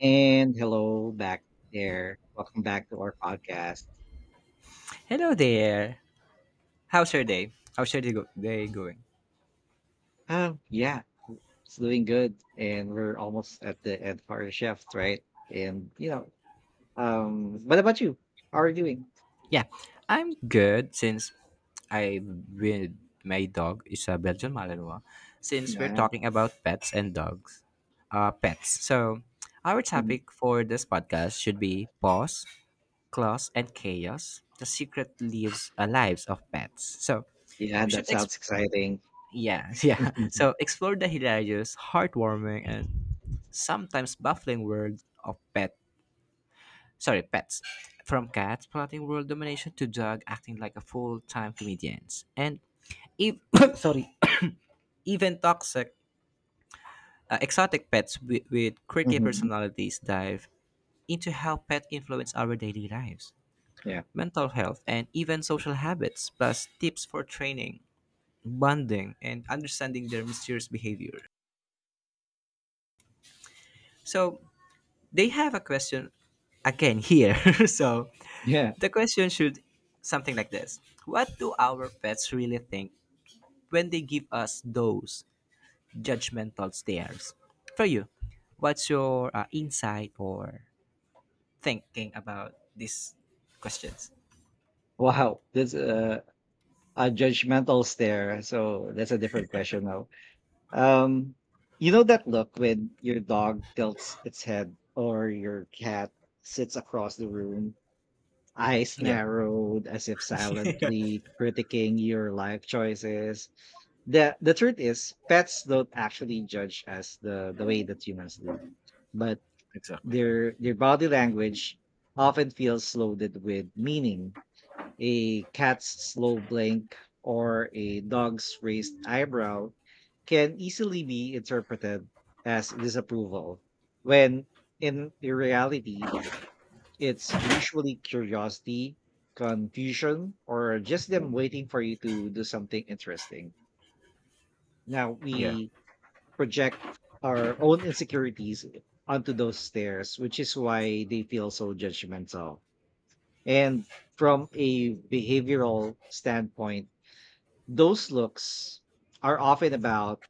And hello back there. Welcome back to our podcast. Hello there. How's your day? Day going? Yeah, it's doing good. And we're almost at the end of our shift, right? And you know, what about you? How are you doing? Yeah, I'm good since I with my dog is a Belgian Malinois. Since we're Yeah. talking about pets and dogs, pets. So our Mhm. topic for this podcast should be paws, claws, and chaos: the secret lives of pets. So Yeah, we that should exp- sounds exciting. yeah yeah. Mhm. So explore the hilarious, heartwarming, and sometimes baffling world of pets. From cats plotting world domination to dog acting like a full-time comedians. And ev- sorry, even toxic exotic pets with quirky Mhm. personalities dive into how pet influence our daily lives, Yeah. mental health, and even social habits, plus tips for training, bonding, and understanding their mysterious behavior. So they have a question again here. So Yeah. the question should something like this: What do our pets really think when they give us those judgmental stares. For you, what's your insight or thinking about these questions? Wow. That's a judgmental stare. So that's a different question now. Um, you know that look when your dog tilts its head or your cat sits across the room, eyes Yeah, narrowed as if silently critiquing your life choices. The truth is pets don't actually judge us the way that humans do, but their body language often feels loaded with meaning, a cat's slow blink or a dog's raised eyebrow can easily be interpreted as disapproval, when in reality, it's usually curiosity, confusion, or just them waiting for you to do something interesting. Now, yeah, we project our own insecurities onto those stares, which is why they feel so judgmental. And from a behavioral standpoint, those looks are often about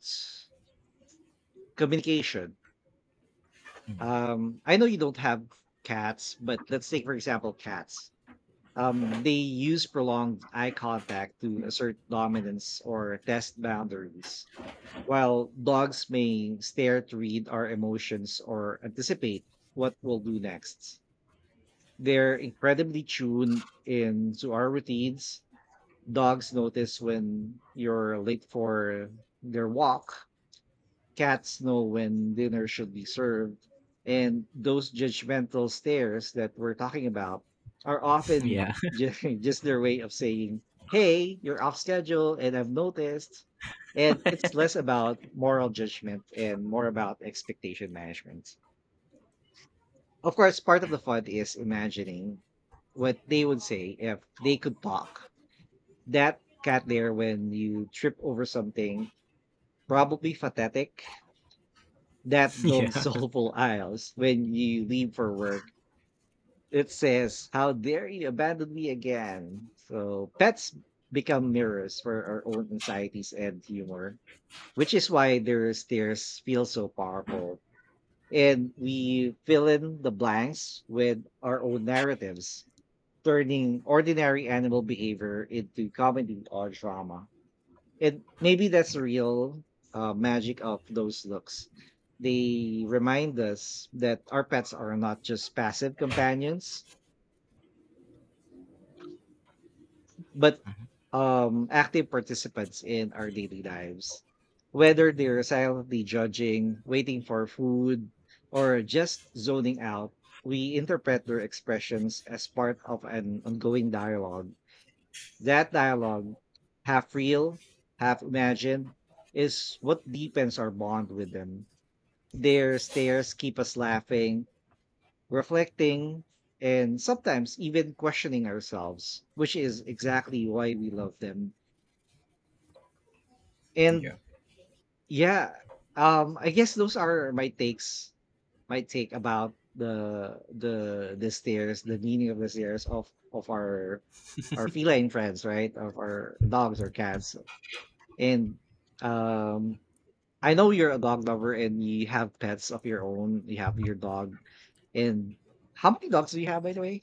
communication. I know you don't have cats, but let's take, for example, cats. They use prolonged eye contact to assert dominance or test boundaries, while dogs may stare to read our emotions or anticipate what we'll do next. They're incredibly tuned into our routines. Dogs notice when you're late for their walk. Cats know when dinner should be served, and those judgmental stares that we're talking about are often yeah, ju- just their way of saying, "Hey, you're off schedule, and I've noticed." And it's less about moral judgment and more about expectation management. Of course, part of the fun is imagining what they would say if they could talk. That cat there when you trip over something, probably pathetic, that yeah, those yeah, soulful aisles when you leave for work. It says, "How dare you abandon me again?" So pets become mirrors for our own anxieties and humor, which is why their stares feel so powerful. And we fill in the blanks with our own narratives, turning ordinary animal behavior into comedy or drama. And maybe that's the yeah, real magic of those looks. They remind us that our pets are not just passive companions, but active participants in our daily lives. Whether they're silently judging, waiting for food, or just zoning out, we interpret their expressions as part of an ongoing dialogue. That dialogue, half real, half imagined, is what deepens our bond with them. Their stares keep us laughing, reflecting, and sometimes even questioning ourselves, which is exactly why we love them. And yeah. yeah, I guess those are my takes, my take about the stairs, the meaning of the stairs of our feline friends, right? Of our dogs or cats. And um I know you're a dog lover and you have pets of your own. You have your dog. And how many dogs do you have, by the way?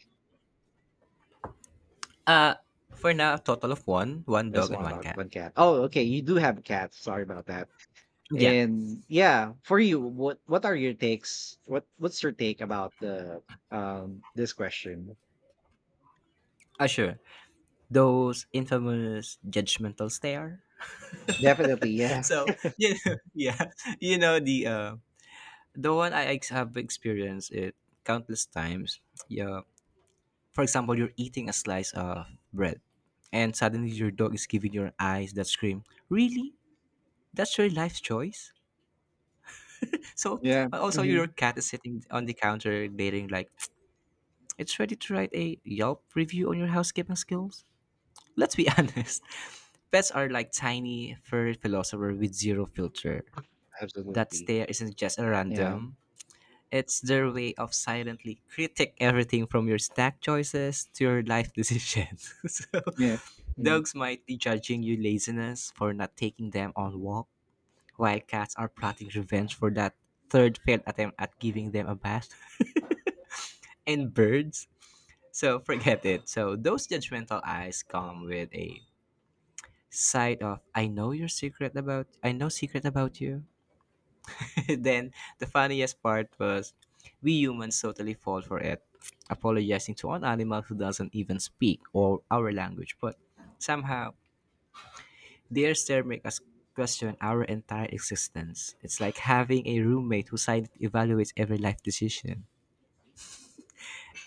Uh, for now, a total of one There's dog and one one dog, cat. one cat. Oh, okay. You do have a cat. Sorry about that. Yeah, And yeah, for you, what are your takes? What's your take about the this question? Sure. Those infamous judgmental stare. Definitely, yeah. So yeah, yeah, you know the one have experienced it countless times. Yeah, for example, you're eating a slice of bread and suddenly your dog is giving your eyes that scream, really? That's your life choice? So, Yeah. Also, Hmm. your cat is sitting on the counter dating, like, it's ready to write a Yelp review on your housekeeping skills? Let's be honest. Pets are like tiny, furry philosopher with zero filter. That Absolutely. stare isn't just a Yeah. random, it's their way of silently critic everything from your snack choices to your life decisions. So, Yeah. Mhm. dogs might be judging you laziness for not taking them on walk, while cats are plotting revenge for that third failed attempt at giving them a bath. And birds, so forget it. So those judgmental eyes come with a side of I know secret about you. Then the funniest part was we humans totally fall for it, apologizing to an animal who doesn't even speak or our language, but somehow their stare make us question our entire existence. It's like having a roommate who silently evaluates every life decision,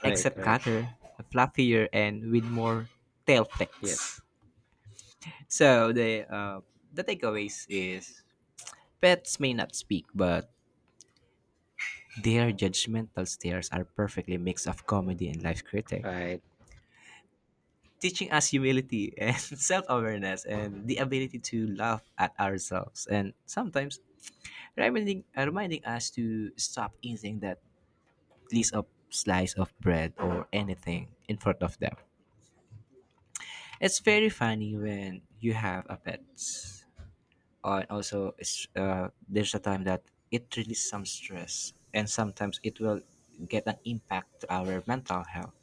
Right. except Right. Cutter, fluffier and with more tail Yes. flicks. So the takeaways is pets may not speak, but their judgmental stares are perfectly mix of comedy and life critic, Right. teaching us humility and self-awareness and the ability to laugh at ourselves and sometimes reminding us to stop eating that piece of slice of bread or anything in front of them. It's very funny when you have a pet. And also, there's a time that it releases some stress and sometimes it will get an impact to our mental health.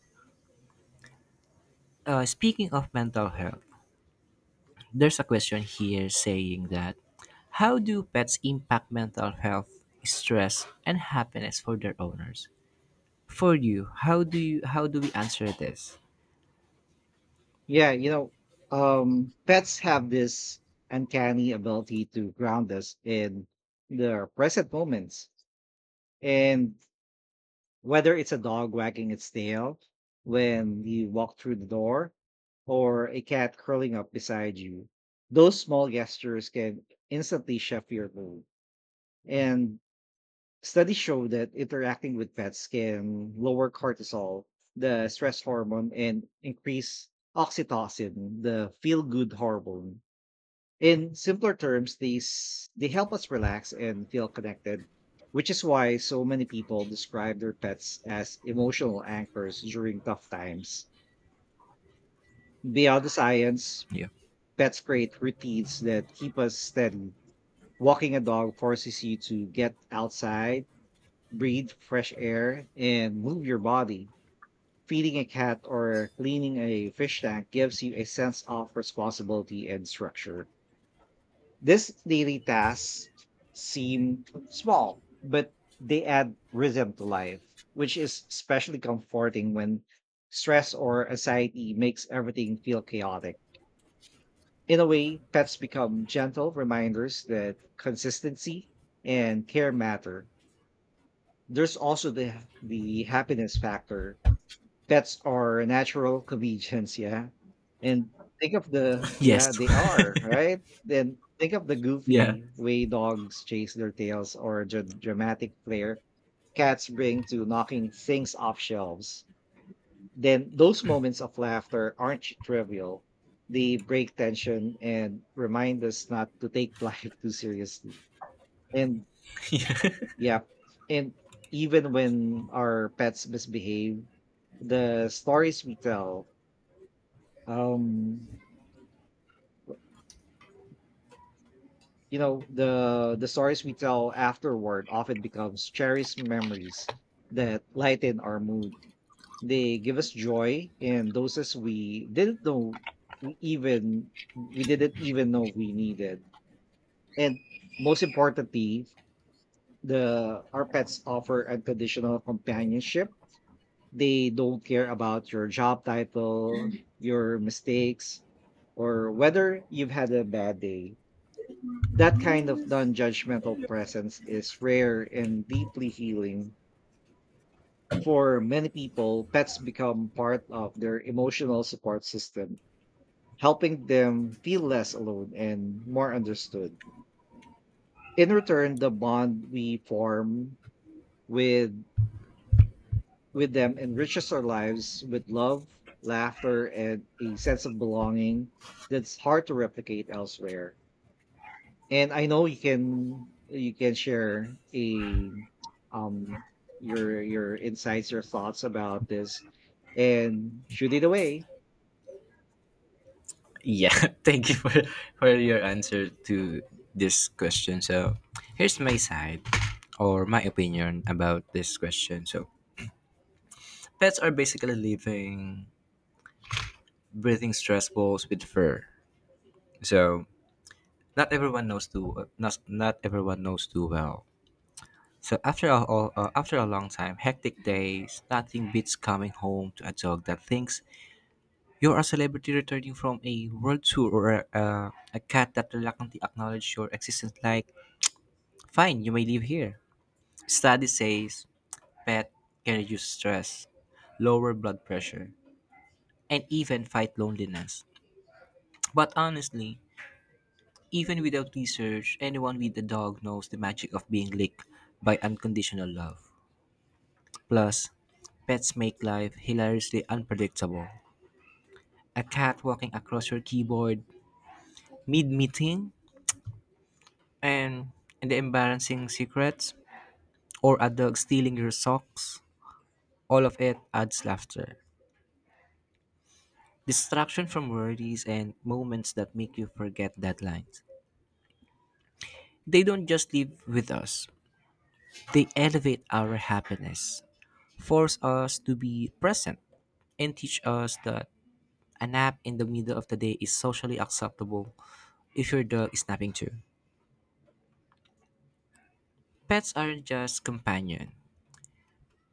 Speaking of mental health, there's a question here saying that how do pets impact mental health, stress, and happiness for their owners? For you, how do we answer this? Yeah, you know, pets have this uncanny ability to ground us in the present moments. And whether it's a dog wagging its tail when you walk through the door or a cat curling up beside you, those small gestures can instantly shift your mood. And studies show that interacting with pets can lower cortisol, the stress hormone, and increase oxytocin, the feel good hormone. In simpler terms, these they help us relax and feel connected, which is why so many people describe their pets as emotional anchors during tough times. Beyond the science, Yeah. pets create routines that keep us steady. Walking a dog forces you to get outside, breathe fresh air, and move your body. Feeding a cat or cleaning a fish tank gives you a sense of responsibility and structure. These daily tasks seem small, but they add rhythm to life, which is especially comforting when stress or anxiety makes everything feel chaotic. In a way, pets become gentle reminders that consistency and care matter. There's also the happiness factor. Pets are natural comedians, yeah, and think of the, Yes. yeah, they are, right? Then think of the Yeah. goofy way dogs chase their tails or the dramatic flair cats bring to knocking things off shelves. Then those moments of laughter aren't trivial. They break tension and remind us not to take life too seriously. And Yeah. yeah, and even when our pets misbehave, the stories we tell. Um, the stories we tell afterward often becomes cherished memories that lighten our mood. They give us joy in doses we didn't even know we needed. And most importantly, the our pets offer unconditional companionship. They don't care about your job title, your mistakes, or whether you've had a bad day. That kind of non judgmental presence is rare and deeply healing. For many people, pets become part of their emotional support system, helping them feel less alone and more understood. In return, the bond we form with, with them enriches our lives with love, laughter, and a sense of belonging that's hard to replicate elsewhere. And I know you can, you can share a um your insights, your thoughts about this, and shoot it away. Yeah. Thank you for your answer to this question. So, here's my side or my opinion about this question. So, pets are basically living breathing stress balls with fur. So, Not everyone knows too well. So after a long time, hectic days, nothing beats coming home to a dog that thinks you're a celebrity returning from a world tour or a cat that reluctantly acknowledges your existence like, fine, you may live here. Study says pet can reduce stress, lower blood pressure, and even fight loneliness. But honestly, even without research, anyone with a dog knows the magic of being licked by unconditional love. Plus, pets make life hilariously unpredictable. A cat walking across your keyboard mid meeting, and the embarrassing secrets, or a dog stealing your socks. All of it adds laughter. Distraction from worries and moments that make you forget deadlines. They don't just live with us, they elevate our happiness, force us to be present and teach us that a nap in the middle of the day is socially acceptable if your dog is napping too. Pets aren't just companion.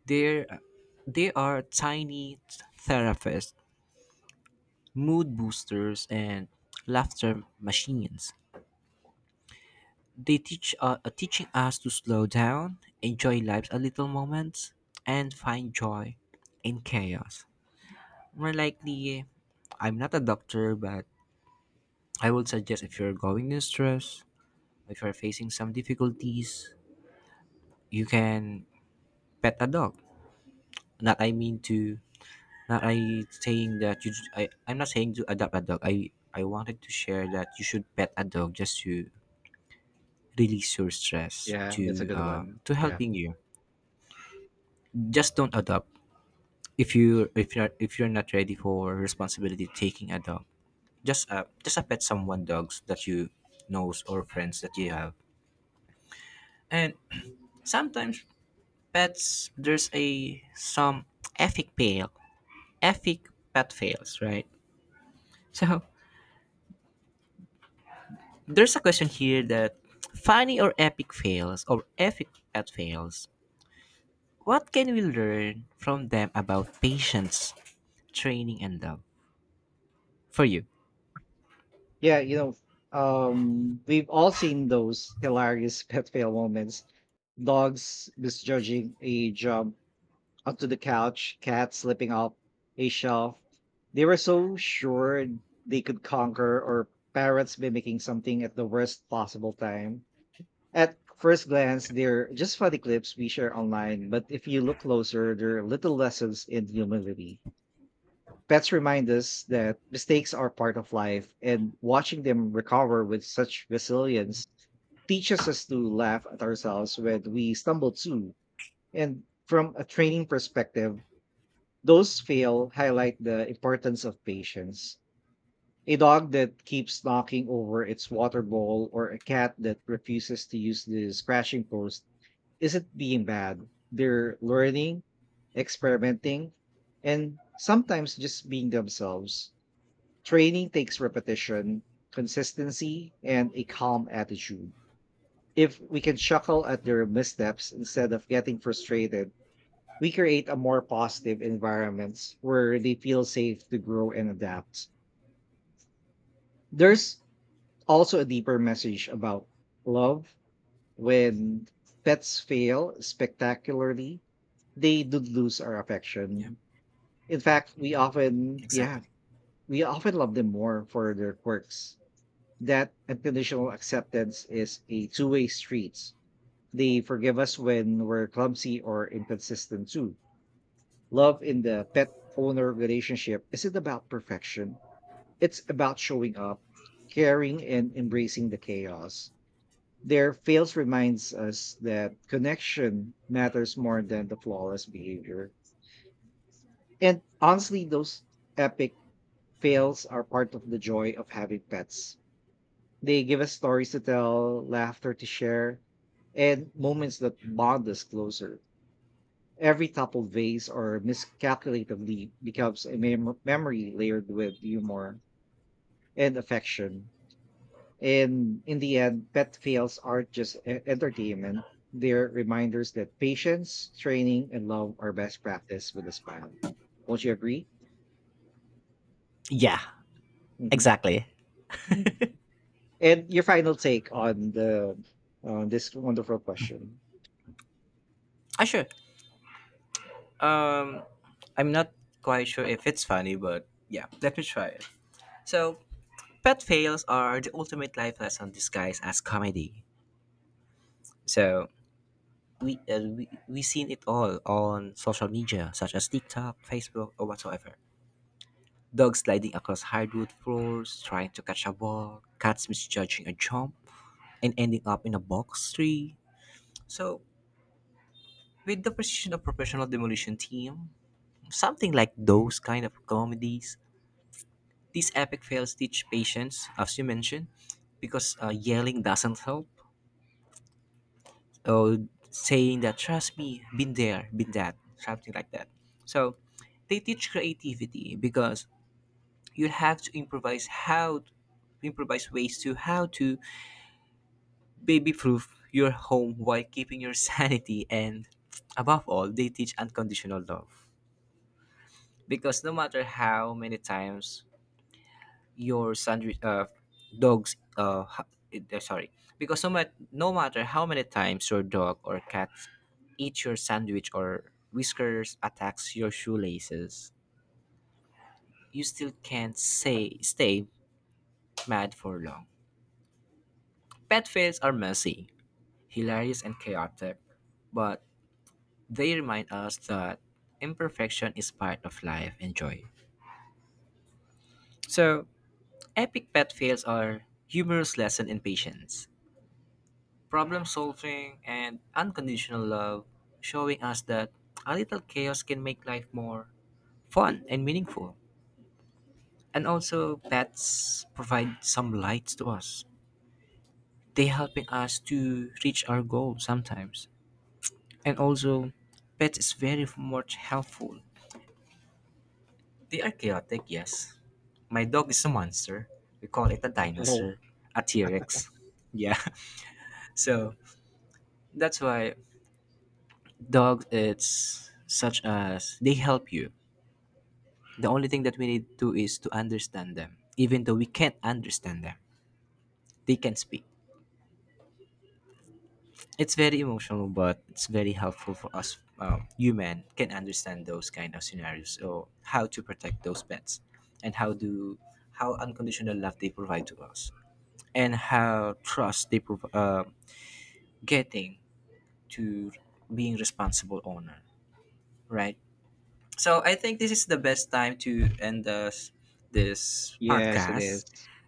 They're they are tiny therapists, mood boosters, and laughter machines. They teaching us to slow down, enjoy life's a little moments, and find joy in chaos. More likely, I'm not a doctor, but I would suggest if you're going in stress, if you're facing some difficulties, you can pet a dog. Not I mean to not I saying that you j- I'm not saying to adopt a dog. I wanted to share that you should pet a dog just to release your stress Yeah, that's a good one. to Yeah. helping you. Just don't adopt if you're not ready for responsibility taking a dog. Just a pet someone dogs that you knows or friends that you have. And sometimes pets there's a some ethic fail epic pet fails, right? So there's a question here that funny or epic pet fails. What can we learn from them about patience, training, and love for you? Yeah, you know, we've all seen those hilarious pet fail moments. Dogs misjudging a jump onto the couch, cats slipping off a shelf. They were so sure they could conquer, or parrots mimicking something at the worst possible time. At first glance, they're just funny clips we share online, but if you look closer, there are little lessons in humility. Pets remind us that mistakes are part of life, and watching them recover with such resilience teaches us to laugh at ourselves when we stumble too. And from a training perspective, those fail highlight the importance of patience. A dog that keeps knocking over its water bowl or a cat that refuses to use the scratching post isn't being bad. They're learning, experimenting, and sometimes just being themselves. Training takes repetition, consistency, and a calm attitude. If we can chuckle at their missteps instead of getting frustrated, we create a more positive environments where they feel safe to grow and adapt. There's also a deeper message about love. When pets fail spectacularly, they do lose our Yeah. affection. In fact, we often, yeah, we often love them more for their quirks. That unconditional acceptance is a two-way street. They forgive us when we're clumsy or inconsistent too. Love in the pet owner relationship isn't about perfection, it's about showing up, caring, and embracing the chaos. Their fails reminds us that connection matters more than the flawless behavior. And honestly, those epic fails are part of the joy of having pets. They give us stories to tell, laughter to share, and moments that bond us closer. Every toppled vase or miscalculated leaf becomes a memory layered with humor and affection. And in the end, pet fails aren't just entertainment, they're reminders that patience, training, and love are best practice with a smile. Won't you agree? Yeah. Hmm. Exactly. And your final take on the, on this wonderful question. Ah, sure. Um, I'm not quite sure if it's funny, but yeah, let me try it. So, pet fails are the ultimate life lesson disguised as comedy. So, we seen it all on social media such as TikTok, Facebook, or whatsoever. Dogs sliding across hardwood floors, trying to catch a ball, cats misjudging a jump, and ending up in a box tree. So, with the precision of professional demolition team, something like those kind of comedies, these epic fails teach patience, as you mentioned, because yelling doesn't help. Oh, saying that trust me, been there, been that, something like that. So they teach creativity because you have to improvise ways to how to baby proof your home while keeping your sanity and above all they teach unconditional love because no matter how many times your sandwich dogs ha- sorry because no, mat- no matter how many times your dog or cat eats your sandwich or whiskers attacks your shoelaces you still can't say stay mad for long. Pet fails are messy, hilarious and chaotic, but they remind us that imperfection is part of life and joy. So epic pet fails are humorous lesson in patience, problem solving, and unconditional love, showing us that a little chaos can make life more fun and meaningful. And also, pets provide some lights to us. They helping us to reach our goal sometimes. And also, pets is very much helpful. They are chaotic, yes. My dog is a monster. We call it a Oh, dinosaur, a T-Rex. Yeah. So that's why dogs it's such as they help you. The only thing that we need to do is to understand them. Even though we can't understand them, they can speak. It's very emotional, but it's very helpful for us human can understand those kind of scenarios. So how to protect those pets, and how unconditional love they provide to us, and how trust they prov- getting to being responsible owner, right? So I think this is the best time to end this yes, it is. podcast.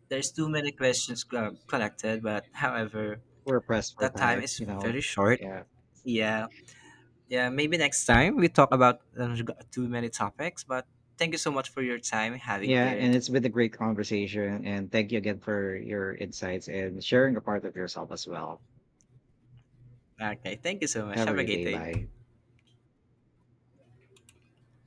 There's too many questions collected, but however, We're pressed for that time time, is you very know. short. Yeah. Yeah, yeah. Maybe next time we talk about too many topics. But thank you so much for your time having Yeah, here. and it's been a great conversation and thank you again for your insights and sharing a part of yourself as well. Okay, thank you so much. Have a Have a great great day. day. Bye.